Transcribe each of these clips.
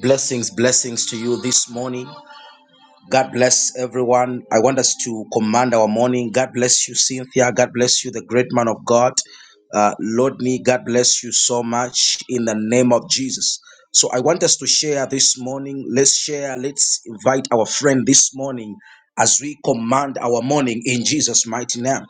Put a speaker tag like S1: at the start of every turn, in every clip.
S1: Blessings, blessings to you this morning. God bless everyone. I want us to command our morning. God bless you, Cynthia. God bless you, the great man of God. Uh, Lord, me, God bless you so much in the name of Jesus. So I want us to share this morning. Let's share. Let's invite our friend this morning as we command our morning in Jesus' mighty name.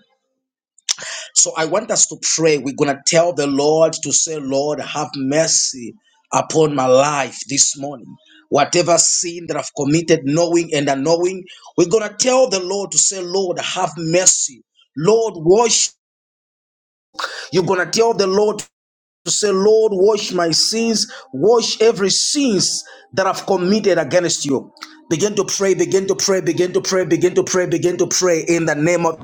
S1: So I want us to pray. We're going to tell the Lord to say, Lord, have mercy upon my life this morning. Whatever sin that I've committed, knowing and unknowing, we're going to tell the Lord to say, Lord, have mercy. Lord, wash. You're going to tell the Lord to say, Lord, wash my sins, wash every sins that I've committed against you. Begin to pray, begin to pray, begin to pray, begin to pray, begin to pray in the name of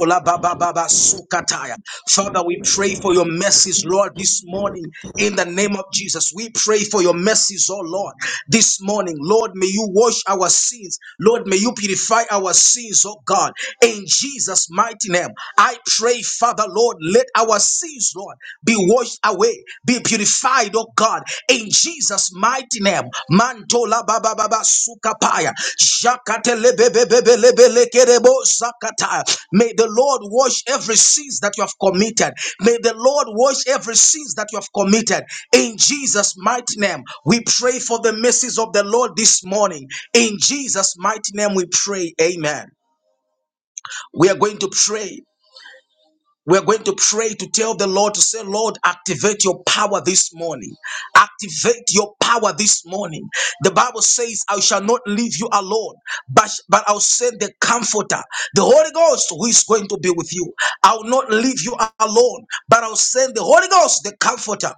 S1: Olababababasukataya. Father, we pray for your mercies, Lord, this morning in the name of Jesus. We pray for your mercies, oh Lord, this morning. Lord, may you wash our sins. Lord, may you purify our sins, oh God, in Jesus' mighty name. I pray, Father, Lord, let our sins, Lord, be washed away, be purified, oh God, in Jesus' mighty name. Mantola baba baba sukapaya. Jakate lebe bebe bele bele kerebo zakata. May the Lord wash every sins that you have committed. May the Lord wash every sins that you have committed. In Jesus' mighty name, we pray for the mercies of the Lord this morning. In Jesus' mighty name, we pray. Amen. We are going to pray. We're going to pray to tell the Lord to say, Lord, activate your power this morning. Activate your power this morning. The Bible says, I shall not leave you alone, but, but I'll send the comforter, the Holy Ghost, who is going to be with you. I'll not leave you alone, but I'll send the Holy Ghost, the comforter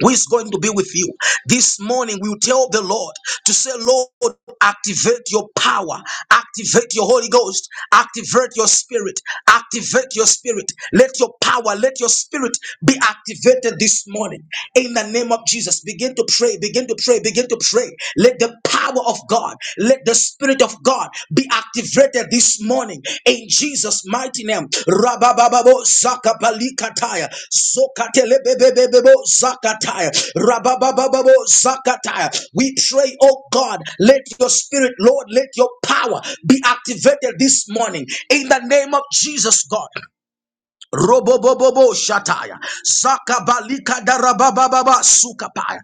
S1: who is going to be with you this morning we will tell the lord to say lord activate your power activate your holy ghost activate your spirit activate your spirit let your power let your spirit be activated this morning in the name of jesus begin to pray begin to pray begin to pray let the power of god let." Let the Spirit of God be activated this morning in Jesus' mighty name. Rabababo Zakabalikataya. Zokatelebebebebebo Zakataya. Rabababo Zakataya. We pray, oh God, let your spirit, Lord, let your power be activated this morning in the name of Jesus, God. Robobobobo shataya. Zakabalika darabababa sukapaya.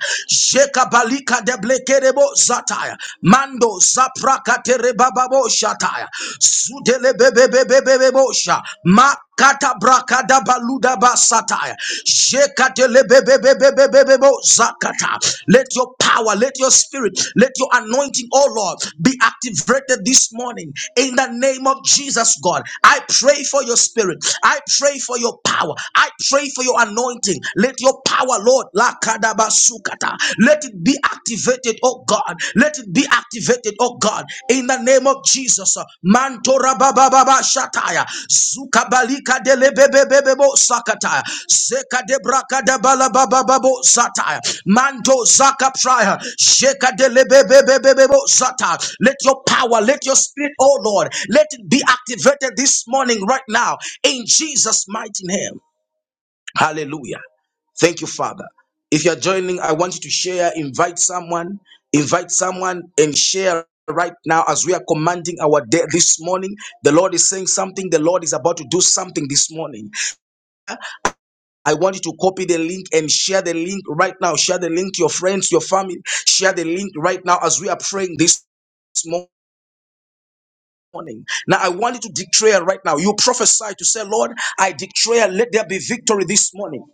S1: Jekabalika deblekerebo zataya. Mando zaprakaterebababo shataya. Zudelebebebebebebo sha. Makata brakada baluda basataya. Jekatelebebebebebebebo zakata. Let your power, let your spirit, let your anointing, oh Lord, be activated this morning in the name of Jesus, God. I pray for your spirit. I pray for your power. I pray for your anointing. Let your power, Lord, lakadabasukata, let it be activated, oh God. Let it be activated, oh God, in the name of Jesus. Jesus. Mantora baba baba shataya. Zuka balika de lebebebebebo sakataya. Seka de braka de bala baba babo sataya. Manto zaka praya. Sheka de lebebebebebo sataya. Let your power, let your spirit, oh Lord, let it be activated this morning right now in Jesus' mighty name. Hallelujah. Thank you, Father. If you're joining, I want you to share, invite someone, invite someone and share right now as we are commanding our day this morning. The Lord is saying something. The Lord is about to do something this morning. I want you to copy the link and share the link right now. Share the link to your friends, your family. Share the link right now as we are praying this morning morning. Now I want you to declare right now. You prophesy to say, Lord, I declare, let there be victory this morning.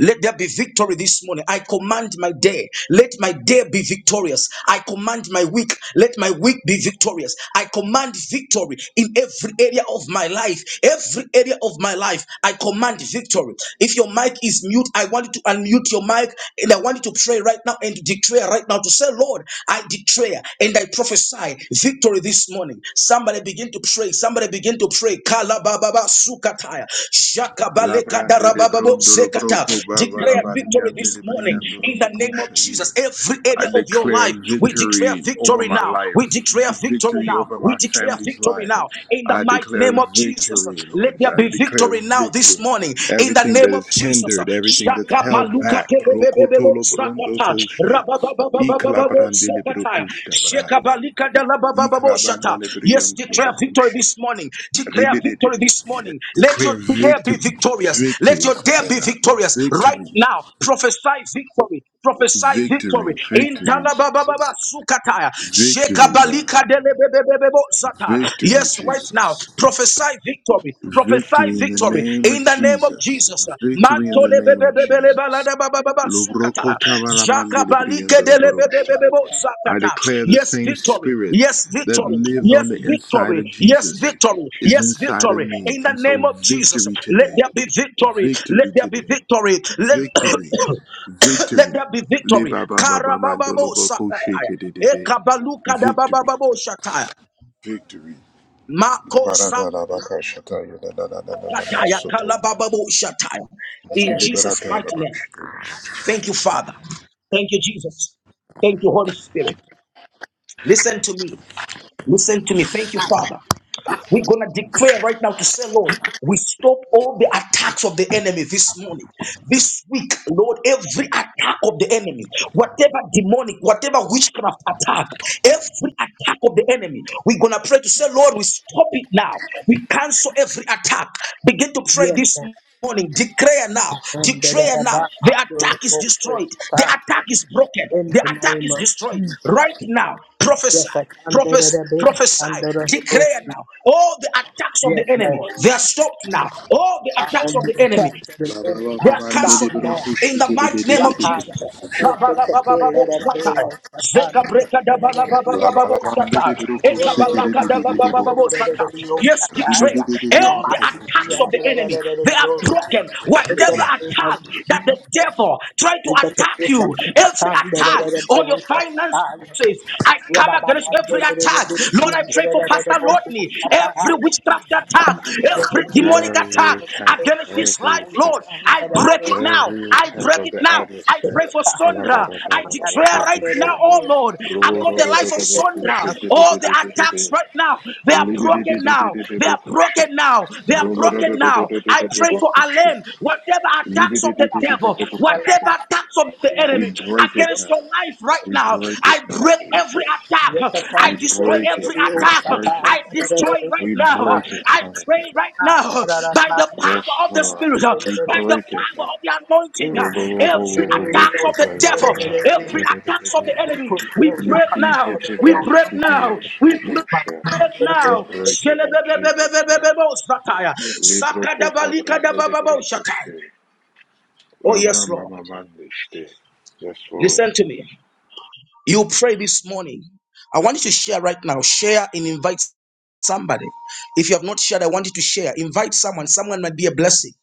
S1: Let there be victory this morning. I command my day. Let my day be victorious. I command my week. Let my week be victorious. I command victory in every area of my life. Every area of my life, I command victory. If your mic is mute, I want you to unmute your mic and I want you to pray right now and declare right now to say, Lord, I declare and I prophesy victory this morning morning. Somebody begin to pray. Somebody begin to pray. Kala bababa sukataya.
S2: La
S1: Shakabaleka
S2: brande le
S1: darabababo
S2: brondo
S1: sekata.
S2: broco bava la
S1: Declare victory
S2: baliande
S1: this
S2: le
S1: morning
S2: briando lo
S1: in the name of Jesus. Every
S2: I
S1: area of your
S2: declare
S1: life, we declare
S2: victory over
S1: victory
S2: my
S1: now. We
S2: life,
S1: declare victory
S2: victory
S1: now.
S2: over
S1: We
S2: my
S1: declare
S2: family's
S1: victory
S2: life.
S1: now in the
S2: I
S1: mighty
S2: declare
S1: name of Jesus.
S2: victory,
S1: Let
S2: Lord.
S1: there
S2: I
S1: be
S2: declare
S1: victory now this
S2: victory.
S1: morning in the
S2: Everything that
S1: name of
S2: is
S1: Jesus.
S2: hindered, everything that's held
S1: Maluka
S2: back. Roko
S1: telebebebebo
S2: brondo
S1: sakata.
S2: koste. I
S1: Rababababababo
S2: clabrande le
S1: sakata.
S2: brocusta braya.
S1: Shekabalika
S2: I
S1: dalabababo shata.
S2: clabanda le
S1: Yes,
S2: briando lo
S1: declare victory this morning.
S2: and they
S1: Declare
S2: made it it-
S1: victory this
S2: yeah,
S1: morning. Let your
S2: declare
S1: day be
S2: victory,
S1: victorious. Let
S2: victory,
S1: your day
S2: something
S1: be
S2: like that.
S1: victorious right
S2: Victory,
S1: now. Prophesy victory prophesy
S2: victory,
S1: victory.
S2: victory,
S1: Intalabababa
S2: Jesus.
S1: sukataya.
S2: Victory, God.
S1: Jekabalika delebebebebebo zata.
S2: Victory,
S1: Yes, right now,
S2: Jesus.
S1: prophesy victory. Prophesy
S2: Victory in the
S1: victory
S2: name of
S1: in the name of
S2: Jesus.
S1: Jesus.
S2: Victory in the name of Jesus.
S1: Mantolebebebebelebaladabababa sukata.
S2: Lubroko tabaramande libriando
S1: Jakabalike
S2: roboroshtai.
S1: delebebebebebo
S2: I
S1: zakata.
S2: declare the
S1: Yes,
S2: same
S1: victory.
S2: spirit
S1: Yes,
S2: that
S1: victory.
S2: lived
S1: Yes,
S2: on the inside
S1: victory.
S2: of
S1: Yes,
S2: Jesus
S1: victory.
S2: is
S1: Yes,
S2: inside of
S1: victory.
S2: me.
S1: In the
S2: And so,
S1: name of Jesus,
S2: victory
S1: let
S2: today.
S1: there be victory. Let
S2: Victory
S1: there be
S2: today
S1: victory. Let
S2: Victory,
S1: Let
S2: victory.
S1: there be victory.
S2: Liba ba ba ba ba
S1: Karabababo
S2: boko shake
S1: sakataya.
S2: it it it.
S1: Ekabaluka
S2: Victory,
S1: dabababo shataya.
S2: victory. La
S1: Mako
S2: barata la baka shata ya la la la la la la la
S1: sakataya
S2: soto.
S1: kalabababo shataya.
S2: Iki
S1: In
S2: le
S1: Jesus'
S2: barata la
S1: mighty
S2: baka
S1: name. Thank you, Father. Thank you, Jesus. Thank you, Holy Spirit. Listen to me. Listen to me. Thank you, Father. We're going to declare right now to say, Lord, we stop all the attacks of the enemy this morning, this week, Lord. Every attack of the enemy, whatever demonic, whatever witchcraft attack, every attack of the enemy, we're gonna pray to say, Lord, we stop it now. We cancel every attack. Begin to pray
S3: Yes,
S1: this.
S3: Lord,
S1: morning morning, declare now,
S3: my friend,
S1: declare now. The
S3: the
S1: attack is
S3: vocal
S1: destroyed. The
S3: supply.
S1: attack is broken.
S3: in
S1: The
S3: the
S1: attack
S3: name
S1: is
S3: of
S1: destroyed
S3: Jesus.
S1: right now. Prophesy.
S3: Yes, I can da,
S1: Prophesy,
S3: the big be,
S1: prophesy,
S3: I'm da, da,
S1: declare now. All the attacks of the
S3: Yes,
S1: enemy,
S3: Lord.
S1: they are stopped now. All the
S3: I
S1: attacks
S3: will
S1: of
S3: be
S1: the enemy,
S3: attached to the
S2: La ba
S3: enemy.
S2: ba
S1: they
S2: ba
S3: I
S1: are
S2: ba
S3: stop
S1: cancelled now
S3: now.
S2: boko
S1: in
S2: shake
S1: the
S2: it it
S1: mighty
S2: it it
S1: name
S3: Rock
S1: of
S2: it it
S3: hard,
S1: Jesus.
S3: but of
S2: boko
S3: course,
S2: shake.
S3: they took it,
S1: Kabalabababo
S3: let it be,
S1: Shatai.
S3: Lord. I can,
S1: Zeka
S3: da, da,
S1: breka da
S3: da, da, da, be,
S2: La
S3: be,
S2: ba
S1: balabababo
S2: la ba
S3: stop.
S1: shatai.
S2: boko
S3: Do, the
S1: Eka
S2: shake it it
S3: big do,
S1: balaka da
S2: it it it
S1: labababo
S2: boko
S1: shatai. Yes,
S2: shake. Di di
S1: declare
S2: di di di di
S1: all
S2: di
S1: the
S2: boko
S1: attacks
S2: shake.
S1: of the enemy they are broken.
S3: In the
S1: Whatever
S3: name of
S1: attack that the
S3: Jesus.
S1: devil tried to
S3: Thank
S1: attack you, every attack on your finances says, I come against every attack. Lord, I pray for Pastor Rodney, every witchcraft attack, every demonic
S2: Every
S1: attack
S2: attack,
S1: against his
S2: every
S1: life,
S2: attack,
S1: Lord. I break it now.
S2: every
S1: I
S2: attack
S1: break
S2: of
S1: it
S2: the
S1: now. I pray
S2: adversary.
S1: for Sondra. I declare right now,
S2: Kalabaratalabaratokoshe.
S1: oh Lord, upon the life of Sondra, all the
S2: Robororororobokushekededededede.
S1: attacks right now, they are broken now. They are
S2: Libididididididebokushe.
S1: broken now. They are broken now. I pray for
S2: Roborororororobokushe.
S1: Alain, whatever attacks of the devil,
S2: Libididididididebokushe.
S1: whatever attacks of the
S2: We
S1: enemy
S2: break it
S1: against your
S2: now.
S1: life right
S2: We
S1: now.
S2: break it
S1: I
S2: now,
S1: break every
S2: Jesus.
S1: attack. I
S2: We
S1: destroy
S2: break it.
S1: every
S2: We
S1: attack.
S2: break it.
S1: I destroy right
S2: We
S1: now.
S3: you.
S2: break it,
S1: I
S2: Father
S1: pray
S2: God.
S1: right now by the
S2: Yes,
S1: power of the
S2: Lord.
S1: Spirit,
S2: We
S1: by the
S2: break it
S1: power
S2: now.
S1: of the anointing. Every attack of the devil,
S2: Robororororoboshetayadada.
S1: every attack of the
S2: Yadadadadadada.
S1: enemy, we break now. We break now. We break
S2: Mikiketevaskidioskotosha.
S1: right
S2: We
S1: now.
S2: break it in Jesus' name. Libro cotabra lebro poche
S1: Oh, yes, Lord.
S2: mande for
S1: Listen to me. You pray this morning. I want you to share right now. Share and invite somebody. If you have not shared, I want you to share. Invite someone. Someone might be a blessing.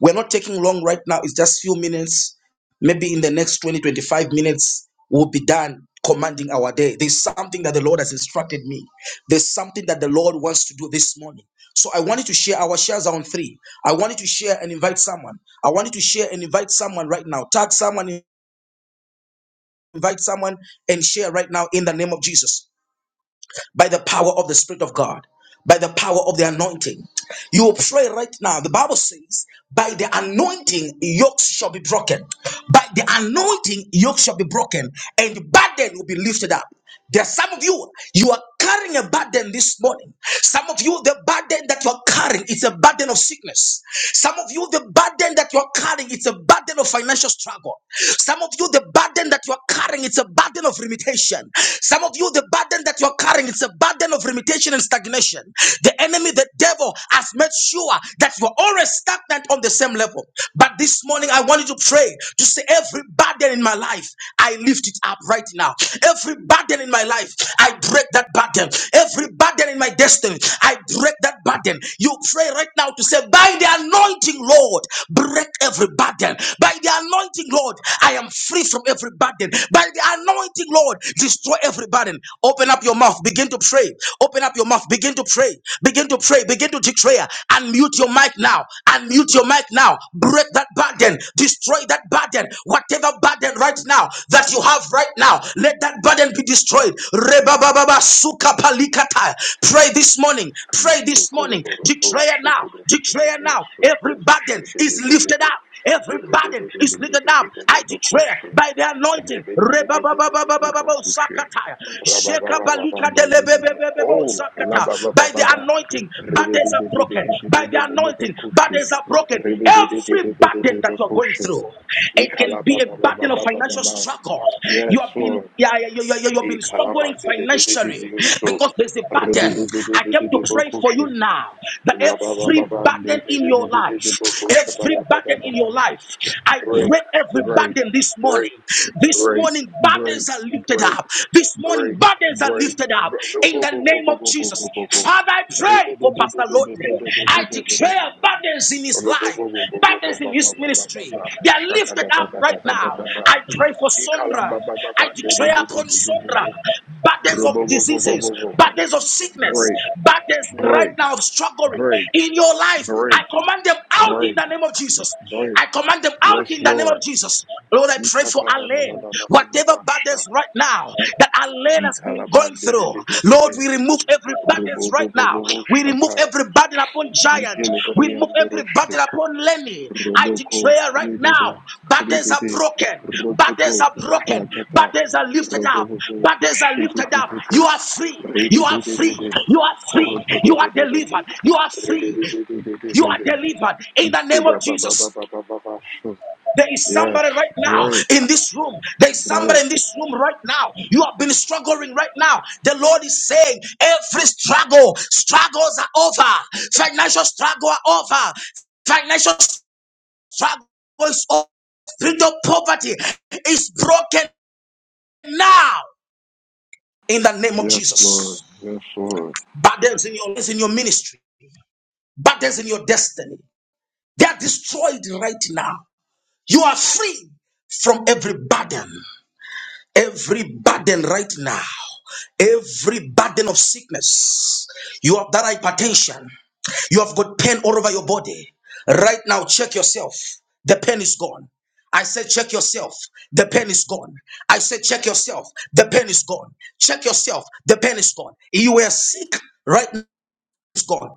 S1: We're not taking long right now. It's just few minutes. Maybe in the next 20, 25 minutes, we'll be done commanding our day. There's something that the Lord has instructed me. There's something that the Lord wants to do this morning. So I wanted to share our shares are on three. I wanted to share and invite someone. I wanted to share and invite someone right now. Tag someone, invite someone, and share right now in the name of Jesus. by the power of the Spirit of God, by the power of the anointing. You pray right now. The Bible says, by the anointing, yokes shall be broken. By the anointing, yokes shall be broken, and burden will be lifted up. There's some of you, you are carrying a burden this morning. Some of you, the burden that you are carrying is a burden of sickness. Some of you, the burden that you are carrying is a burden of financial struggle. Some of you, the burden that you are carrying is a burden of limitation. Some of you, the burden that you are carrying is a burden of limitation and stagnation. The enemy, the devil, has made sure that you are always stagnant on the same level. But this morning, I want you to pray to say every burden in my life. I lift it up right now. Every burden in my life, I break that burden. Every burden in my destiny, I break that burden. You pray right now to say, by the anointing, Lord, break every burden. By the anointing, Lord, I am free from every burden. By the anointing, Lord, destroy every burden. Open up your mouth, begin to pray. Open up your mouth, begin to pray. Begin to pray, begin to declare. Unmute your mic now. Unmute your mic now now. Break that burden. Destroy that burden. Whatever burden right now that you have right now, let that burden be destroyed. Rebababa suka palikata. Pray this morning. Pray
S2: Cristo
S1: this morning.
S2: colaboro to
S1: Declare
S2: shake
S1: now.
S2: it in
S1: Declare
S2: the
S1: now. Every
S2: sotto
S1: burden
S2: shake it
S1: is
S2: in
S1: lifted
S2: the
S1: up. Every burden is lifted up. I
S2: rebede
S1: declare
S2: bocushe
S1: by the anointing.
S2: rebede
S1: Rebababababababo
S2: bocushe
S1: sakata. Shekabalika
S2: rababababande
S1: delebebebebebo
S2: oh
S1: sakata. By the the
S2: lababababa
S1: anointing,
S2: rebede
S1: burdens are broken. By the anointing,
S2: bocushe
S1: burdens are broken. Every burden
S2: rebede
S1: that you're going
S2: bocushe
S1: through, it can be a burden of financial
S2: ikalabababababa
S1: struggle. You have
S2: yes
S1: been
S2: Lord
S1: yeah, yeah, you, you, you- you've been struggling
S2: ikalamande
S1: financially
S2: so
S1: because there's a burden. I came to pray for you
S2: Rebidibidibidibokoshe.
S1: now that every
S2: Labababa,
S1: burden in your life,
S2: nidibidibidibokoshe,
S1: every burden in
S2: bababababa.
S1: your life, I
S2: Break,
S1: break every
S2: break,
S1: burden this
S2: break,
S1: morning. This
S2: break,
S1: morning,
S2: break,
S1: burdens are lifted
S2: break,
S1: up up. This morning,
S2: break,
S1: burdens are
S2: break.
S1: lifted up
S2: Bre- no,
S1: in
S2: bo-
S1: the
S2: bo- bo-
S1: name
S2: bo-
S1: of
S2: bo- bo-
S1: Jesus.
S2: bo- bo- bo.
S1: Father, I pray for Pastor Lotney. I declare
S2: Rebidibidibidibidibidibidibidibidi.
S1: burdens in
S2: Bo-
S1: his
S2: bo- bo-
S1: life,
S2: bo- bo- bo- bo- bo-
S1: burdens
S2: bo-
S1: in his
S2: bo- bo- bo-
S1: ministry.
S2: bo.
S1: They are
S2: Shaka
S1: lifted
S2: da da
S1: up
S2: da da
S1: right
S2: da da
S1: now.
S2: da da.
S1: I pray for Sondra. I
S2: Ikalabababa,
S1: declare upon Sondra
S2: nidibidibidibidi.
S1: burdens of
S2: Robo- bo- bo- bo-
S1: diseases,
S2: bo- bo- bo.
S1: burdens of sickness,
S2: Break,
S1: burdens right
S2: break,
S1: now of struggling in your life. I
S2: break,
S1: command them out in
S2: break,
S1: the name of Jesus.
S2: Lord,
S1: I command them out in
S2: yes,
S1: the the name of
S2: Lord.
S1: Jesus. Lord, I pray for Alain. Whatever burdens
S2: Ikatanananananananabasha.
S1: right now that Alain has been going through, Lord,
S2: Ikalamandedededede.
S1: we remove every burden right now. We remove
S2: Ruboboboboboshata.
S1: every burden upon Giant. We remove every
S2: Nikelebereandoroshte.
S1: burden upon Lenny. I
S2: Roboko
S1: declare right
S2: redede.
S1: now, burdens are
S2: Kredede.
S1: broken. Burdens
S2: Rototo.
S1: are broken.
S2: Karatata.
S1: Burdens are lifted up.
S2: Robobobo.
S1: Burdens are lifted up.
S2: Shiketetete.
S1: You are free. You are free.
S2: Rededededede.
S1: You are free. You are
S2: Korotototototo.
S1: delivered. You are free. You are
S2: Rededededededede.
S1: delivered in the name of Jesus.
S2: Ishtebababababababasho.
S1: There is
S2: Yes,
S1: somebody right now
S2: break,
S1: in this room. There is somebody
S2: break.
S1: in this room right now. You have been struggling right now. The Lord is saying every struggle, struggles are over. Financial struggle are over. Financial struggle is over. Spiritual poverty is broken now in the name of
S2: Yes, Lord.
S1: Jesus.
S2: Yes, Lord.
S1: Burdens in your, in your ministry, burdens in your destiny. They are destroyed right now. You are free from every burden. Every burden right now, every burden of sickness, you have that hypertension, you have got pain all over your body. Right now, check yourself. The pain is gone. I said, check yourself. The pain is gone. I said, check yourself. The pain is gone. Check yourself. The pain is gone. You were sick. Right now, it's gone.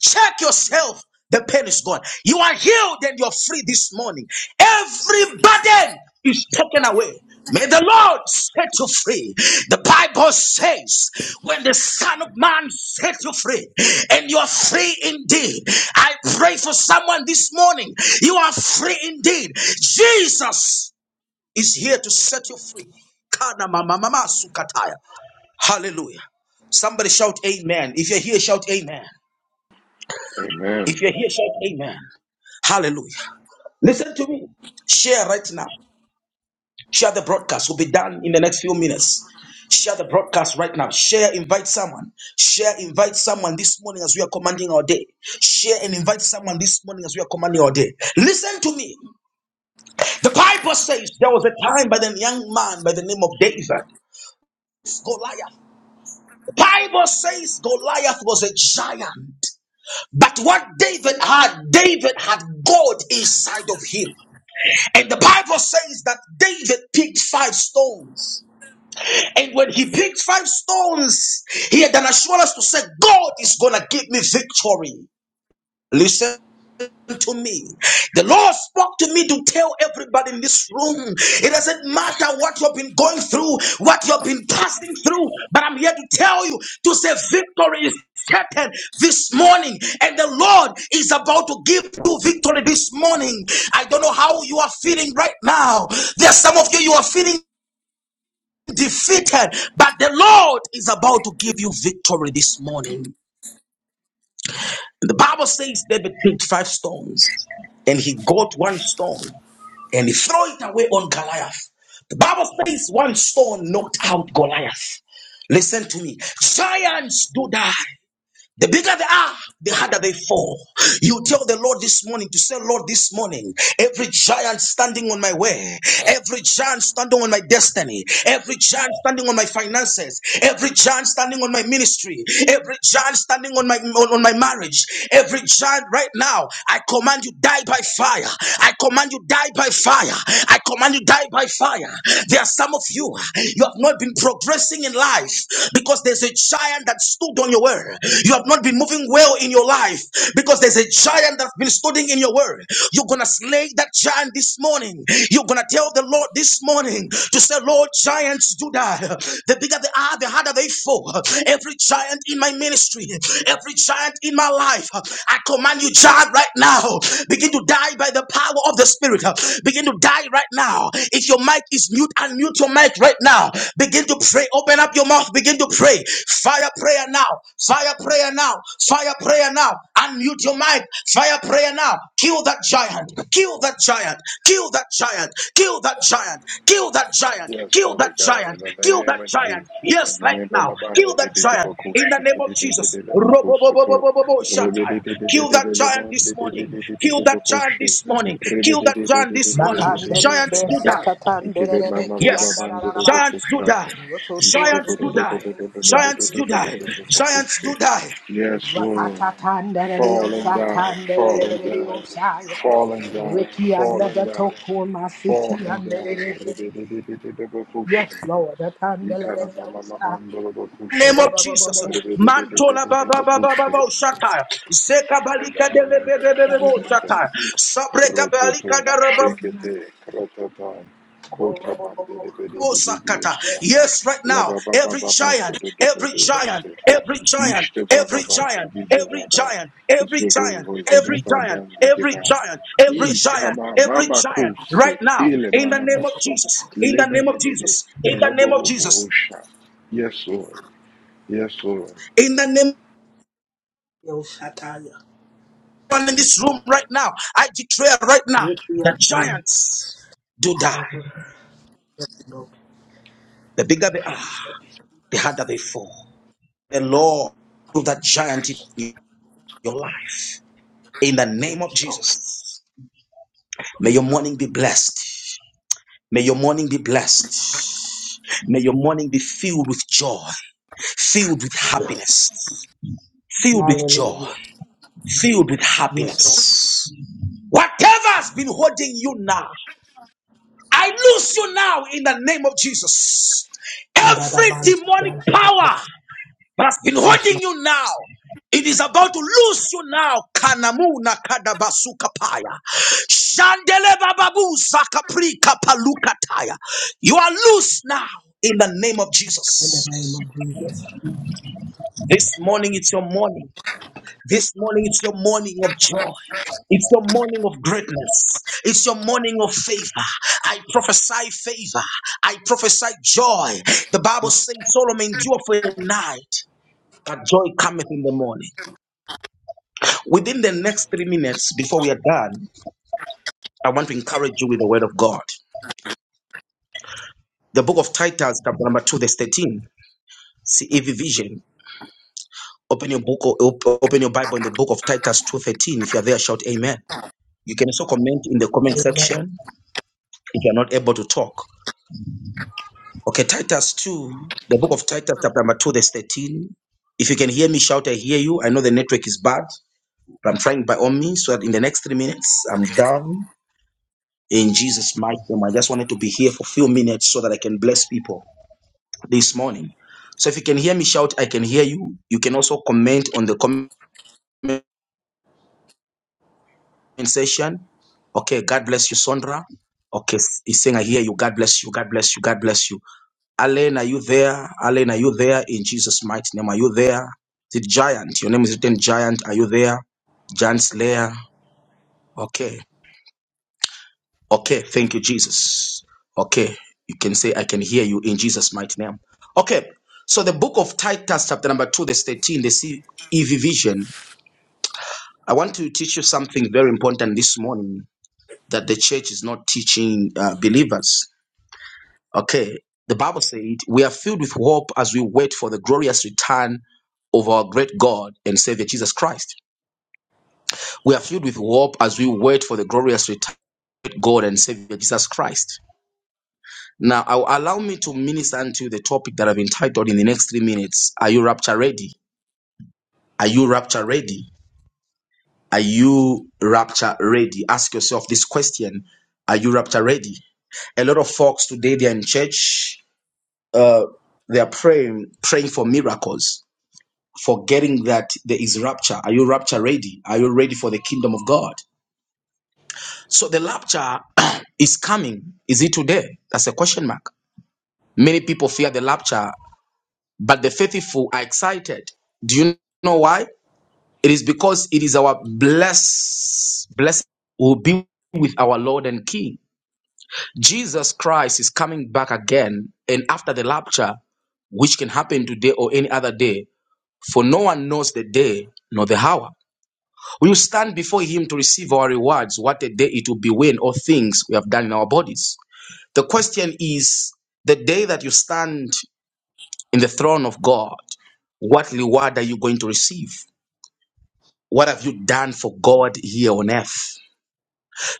S1: Check yourself. The pain is gone. You are healed and you're free this morning. Every burden is taken away. May the Lord set you free. The Bible says, when the Son of Man set you free, and you are free indeed. I pray for someone this morning. You are free indeed. Jesus is here to set you free. Kana mama mama sukataya. Hallelujah. Somebody shout amen. If you're here, shout amen.
S2: Amen.
S1: If you're here, shout amen. Hallelujah. Listen to me. Share right now. Share the broadcast. will be done in the next few minutes. Share the broadcast right now. Share, invite someone. Share, invite someone this morning as we are commanding our day. Share and invite someone this morning as we are commanding our day. Listen to me. The Bible says there was a time by the young man by the name of David, Goliath. The Bible says Goliath was a giant. But what David had, David had God inside of him. And the Bible says that David picked five stones. And when he picked five stones, he had an assurance to say, God is going to give me victory. Listen to me. The Lord spoke to me to tell everybody in this room it doesn't matter what you've been going through, what you've been passing through, but I'm here to tell you to say victory is certain this morning, and the Lord is about to give you victory this morning. I don't know how you are feeling right now. There's some of you you are feeling defeated, but the Lord is about to give you victory this morning. And the Bible says David picked five stones and he got one stone. and he throw it away on Goliath. The Bible says one stone knocked out Goliath. Listen to me. Giants do die. The bigger they are, the harder they fall. You tell the Lord this morning to say, Lord, this morning, every giant standing on my way, every giant standing on my destiny, every giant standing on my finances, every giant standing on my ministry, every giant standing on my on, on my marriage, every giant right now, I command you die by fire. I command you die by fire. I command you die by fire. There are some of you, you have not been not been progressing in life because there's a giant that stood on your word. You have not been moving well in your life because there's a giant that's been standing in your word. You're gonna slay that giant this morning. You're gonna tell the Lord this morning to say, Lord, giants do die. The bigger they are, the harder they fall. Every giant in my ministry, every giant in my life, I command you, giant, right now, begin to die by the power of the Spirit. Begin to die right now. If your mic is mute, unmute your mic right now. Begin to pray. Open up your mouth. Begin to pray. Fire prayer now. Fire prayer now. Fire prayer now. Unmute your mic. Fire prayer now. Kill that giant. Kill that giant. Kill that giant. Kill that giant. Kill that giant.
S2: Yes,
S1: Kill that
S2: Father God,
S1: giant.
S2: in the
S1: Kill
S2: name
S1: that
S2: of
S1: giant.
S2: Jesus,
S1: Yes,
S2: in the
S1: right
S2: name of
S1: now. Kill
S2: Labandi, di-
S1: that
S2: di- di-
S1: giant. In the
S2: Bokushi,
S1: name
S2: di-
S1: of
S2: di- di- di-
S1: Jesus.
S2: di- di-
S1: Robo, bo, bo, bo,
S2: Bokusutu,
S1: bo, bo, bo,
S2: Ribi-
S1: shatai.
S2: di- di- di- di-
S1: Kill
S2: di-
S1: that
S2: di- di-
S1: giant this
S2: Mandi, di- di-
S1: morning.
S2: di- di- di- di-
S1: Kill that giant
S2: Bokushi,
S1: this morning.
S2: Ribi-
S1: Kill
S2: di-
S1: that
S2: di- di-
S1: giant
S2: di- di-
S1: this
S2: di- di-
S1: morning.
S2: di- di- di-
S1: Giants
S2: Yosa,
S1: do die.
S2: Ikele Mama Baba
S1: Yes,
S2: Bandu do
S1: giants do
S2: Bokusha,
S1: die.
S2: Ishtoku
S1: Giants
S2: do
S1: do
S2: do do do
S1: die.
S2: do do do do do
S1: Giants
S2: do
S1: do
S2: do do
S1: die.
S2: do do
S1: Giants do
S2: Bokushi.
S1: die.
S2: Yes, Lord. Fall and die, fall and die, fall and die,
S3: Ricky and
S2: fall
S3: the
S2: and die,
S3: Tokuma
S2: fall
S3: City
S2: and
S3: and
S2: die.
S3: the
S2: Ribbidididididibakushe.
S3: Yes, Lord. Atandela de Osa.
S2: Ikanamamamamandalabakushe.
S1: Name of Jesus,
S3: Rubababo.
S1: Mantola Baba Baba
S2: Ribbidididididibakushe.
S1: Baba Shata, Zeka Balika de Bebe Bebe
S2: Lamamamamamasaka.
S1: Shata, Sabreka Balika
S2: Rototo,
S1: daraba.
S2: shekete, kratata,
S3: Go. rubababo.
S1: Sakata.
S2: kotamandidibididididiosa.
S3: Yes, Lord.
S1: Yes, right now, every giant, every giant,
S2: Labababababandododododose.
S1: every giant,
S2: Ishte
S1: every
S2: vavavasi
S1: giant, every
S2: gizavaga.
S1: giant, every
S2: Zubu
S1: giant, every giant, every
S2: vozagavaganzigiva.
S1: giant, every
S2: E
S1: giant,
S2: kama
S1: every
S2: mama
S1: giant, right
S2: kose
S1: now,
S2: ile
S1: in the
S2: mama
S1: name of
S2: maso
S1: Jesus, in the name of
S2: lemene
S1: Jesus, in the
S2: robo
S1: name of
S2: robo
S1: Jesus,
S2: rosha. Yes Lord, yes Lord.
S1: in the name of
S3: Yo Shataya.
S1: everyone in this room right now, I declare right now, the
S3: Rikia.
S1: giants do die.
S3: Yes, Lord.
S1: The bigger
S3: Back
S1: they are,
S3: pain. The yoke is
S1: the harder they fall. The Lord, remove that giant in your life, in the
S3: the
S1: name
S3: yoke
S1: of
S3: is broken.
S1: Jesus. May your morning be blessed. May your morning be blessed. May your morning be filled with joy, filled with happiness, filled with joy,
S3: Hallelujah.
S1: filled with
S3: Yes, Lord.
S1: happiness. Whatever has been holding you now, I lose you now in the name of Jesus.
S3: And that
S1: Every
S3: abandons.
S1: demonic
S3: not done.
S1: power but has been
S3: Yes,
S1: holding
S3: Lord.
S1: you now. It is about to lose you now. Kanamuna kadabasuka paya. Shandele bababu zakapri kapalukataya. You are loose now in the name of
S3: In
S1: Jesus.
S3: the name of Jesus.
S1: This morning it's your morning. This morning it's your morning of joy. It's your morning of greatness. It's your morning of favor. I prophesy favor. I prophesy joy. The Bible
S3: Yes.
S1: says Solomon endured for a night, but joy cometh in the morning. Within the next three minutes, before we are done, I want to encourage you with the word of God. The book of Titus, chapter number 2, verse 13, CEV vision. Open your book or op- open your Bible in the book of Titus 2:13. If you are there, shout amen. You can also comment in the comment
S3: Amen.
S1: section if you are not able to talk. Okay, Titus 2, the book of Titus, chapter number 2, verse 13. If you can hear me, shout, I hear you. I know the network is bad, but I'm trying by all means so that in the next three minutes, I'm
S4: Yeah.
S1: down. in Jesus' mighty name. I just wanted to be here for a few minutes so that I can bless people this morning. So if you can hear me shout, I can hear you. You can also comment on the comment section. Okay, God bless you, Sondra. Okay, he's saying, I hear you. God bless you. God bless you. God bless you. Alan, are you there? Alan, are you there? In Jesus' mighty name, are you there? Is it Giant? Your name is written Giant. Are you there? Giant Slayer. Okay. Okay, thank you, Jesus. Okay, you can say, I can hear you in Jesus' mighty name. Okay, so the book of Titus, chapter number 2, verse 13, the CEV vision. I want to teach you something very important this morning that the church is not teaching uh, believers. Okay, the Bible said, We are filled with hope as we wait for the glorious return of our great God and Savior Jesus Christ. We are filled with hope as we wait for the glorious return of God and Savior Jesus Christ. Now, I- allow me to minister unto the topic that I've entitled in the next three minutes. Are you rapture ready? Are you rapture ready? Are you rapture ready? Ask yourself this question. Are you rapture ready? A lot of folks today, they're in church. Uh, they are praying, praying for miracles, forgetting that there is rapture. Are you rapture ready? Are you ready for the kingdom of God? So the rapture is coming. Is it today? That's a question mark. Many people fear the rapture but the faithful are excited. Do you know why? It is because it is our bless blessed will be with our Lord and King. Jesus Christ is coming back again, and after the rapture, which can happen today or any other day, for no one knows the day nor the hour. We will stand before Him to receive our rewards. What a day it will be when all things we have done in our bodies. The question is the day that you stand in the throne of God, what reward are you going to receive? What have you done for God here on earth?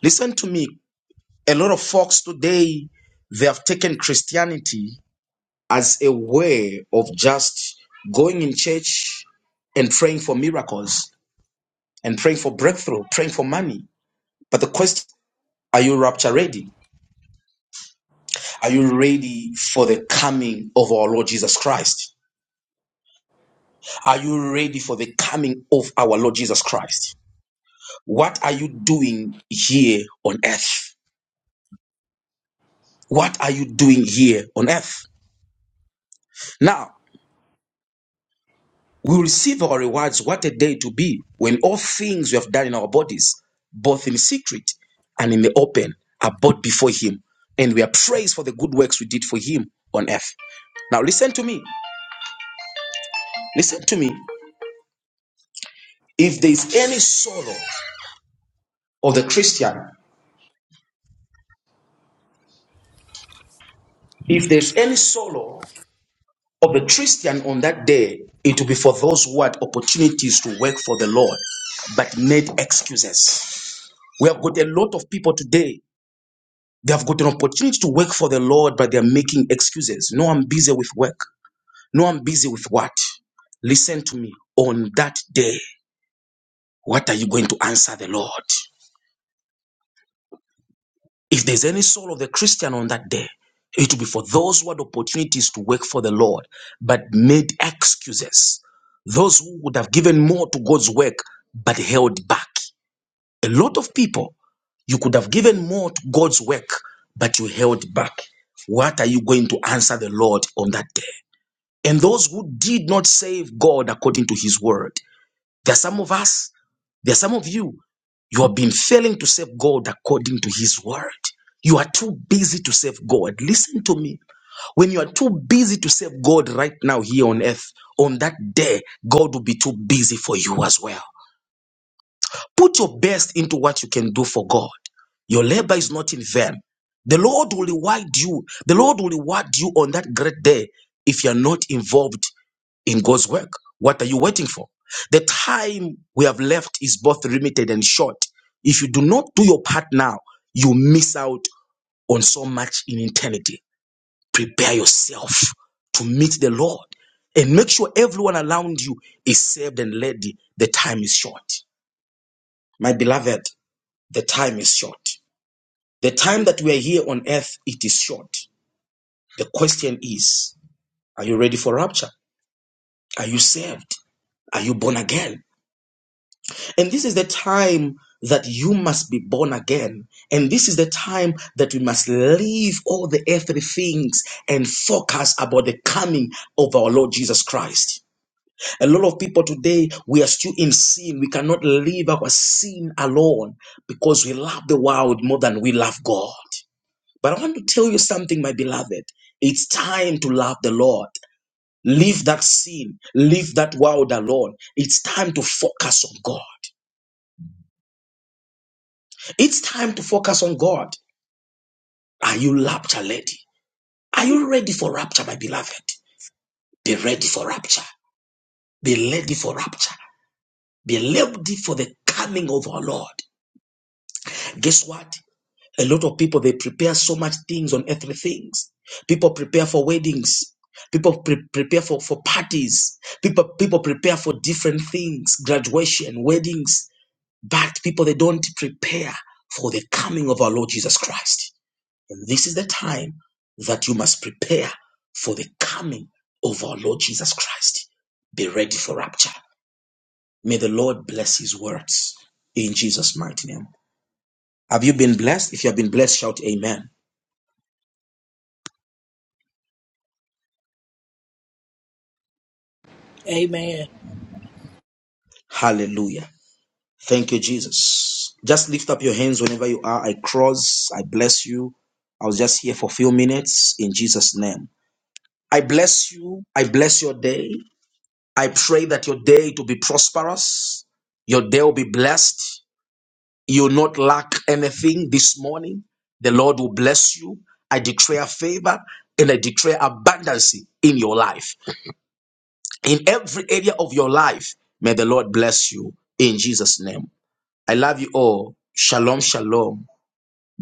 S1: Listen to me. A lot of folks today, they have taken Christianity as a way of just going in church and praying for miracles and praying for breakthrough, praying for money. But the question are you rapture ready? Are you ready for the coming of our Lord Jesus Christ? Are you ready for the coming of our Lord Jesus Christ? What are you doing here on earth? What are you doing here on earth? Now, we will receive our rewards. What a day to be when all things we have done in our bodies, both in secret and in the open, are brought before Him. And we are praised for the good works we did for Him on earth. Now, listen to me. Listen to me. If there is any sorrow of the Christian, if there's any sorrow of the Christian on that day, it will be for those who had opportunities to work for the Lord but made excuses. We have got a lot of people today They have got an opportunity to work for the Lord, but they are making excuses. No, I'm busy with work. No, I'm busy with what? Listen to me. On that day, what are you going to answer the Lord? If there's any soul of the Christian on that day, it will be for those who had opportunities to work for the Lord, but made excuses. Those who would have given more to God's work, but held back. A lot of people, you could have given more to God's work, but you held back. What are you going to answer the Lord on that day? And those who did not save God according to his word, there are some of us, there are some of you, you have been failing to serve God according to His word. You are too busy to serve God. Listen to me. When you are too busy to serve God right now here on earth, on that day, God will be too busy for you as well. Put your best into what you can do for God. Your labor is not in vain. The Lord will reward you. The Lord will reward you on that great day if you are not involved in God's work. What are you waiting for? The time we have left is both limited and short. If you do not do your part now, you miss out on so much in eternity. Prepare yourself to meet the Lord and make sure everyone around you is saved and ready. The time is short. My beloved, the time is short. The time that we are here on earth, it is short. The question is, are you ready for rapture? Are you saved? Are you born again? And this is the time that you must be born again. And this is the time that we must leave all the earthly things and focus about the coming of our Lord Jesus Christ. A lot of people today, we are still in sin. We cannot leave our sin alone because we love the world more than we love God. But I want to tell you something, my beloved. It's time to love the Lord. Leave that sin, leave that world alone. It's time to focus on God. It's time to focus on God. Are you rapture ready? Are you ready for rapture, my beloved? Be ready for rapture. Be ready for rapture. Be ready for the coming of our Lord. Guess what? A lot of people they prepare so much things on earthly things. People prepare for weddings. People pre- prepare for, for parties. People people prepare for different things, graduation, weddings. But people they don't prepare for the coming of our Lord Jesus Christ. And this is the time that you must prepare for the coming of our Lord Jesus Christ. Be ready for rapture. May the Lord bless his words in Jesus' mighty name. Have you been blessed? If you have been blessed, shout amen.
S3: Amen.
S1: Hallelujah. Thank you, Jesus. Just lift up your hands whenever you are. I cross. I bless you. I was just here for a few minutes in Jesus' name. I bless you. I bless your day. I pray that your day to be prosperous. Your day will be blessed. You'll not lack anything this morning. The Lord will bless you. I declare favor and I declare abundance in your life. In every area of your life, may the Lord bless you in Jesus' name. I love you all. Shalom, shalom.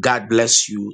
S1: God bless you.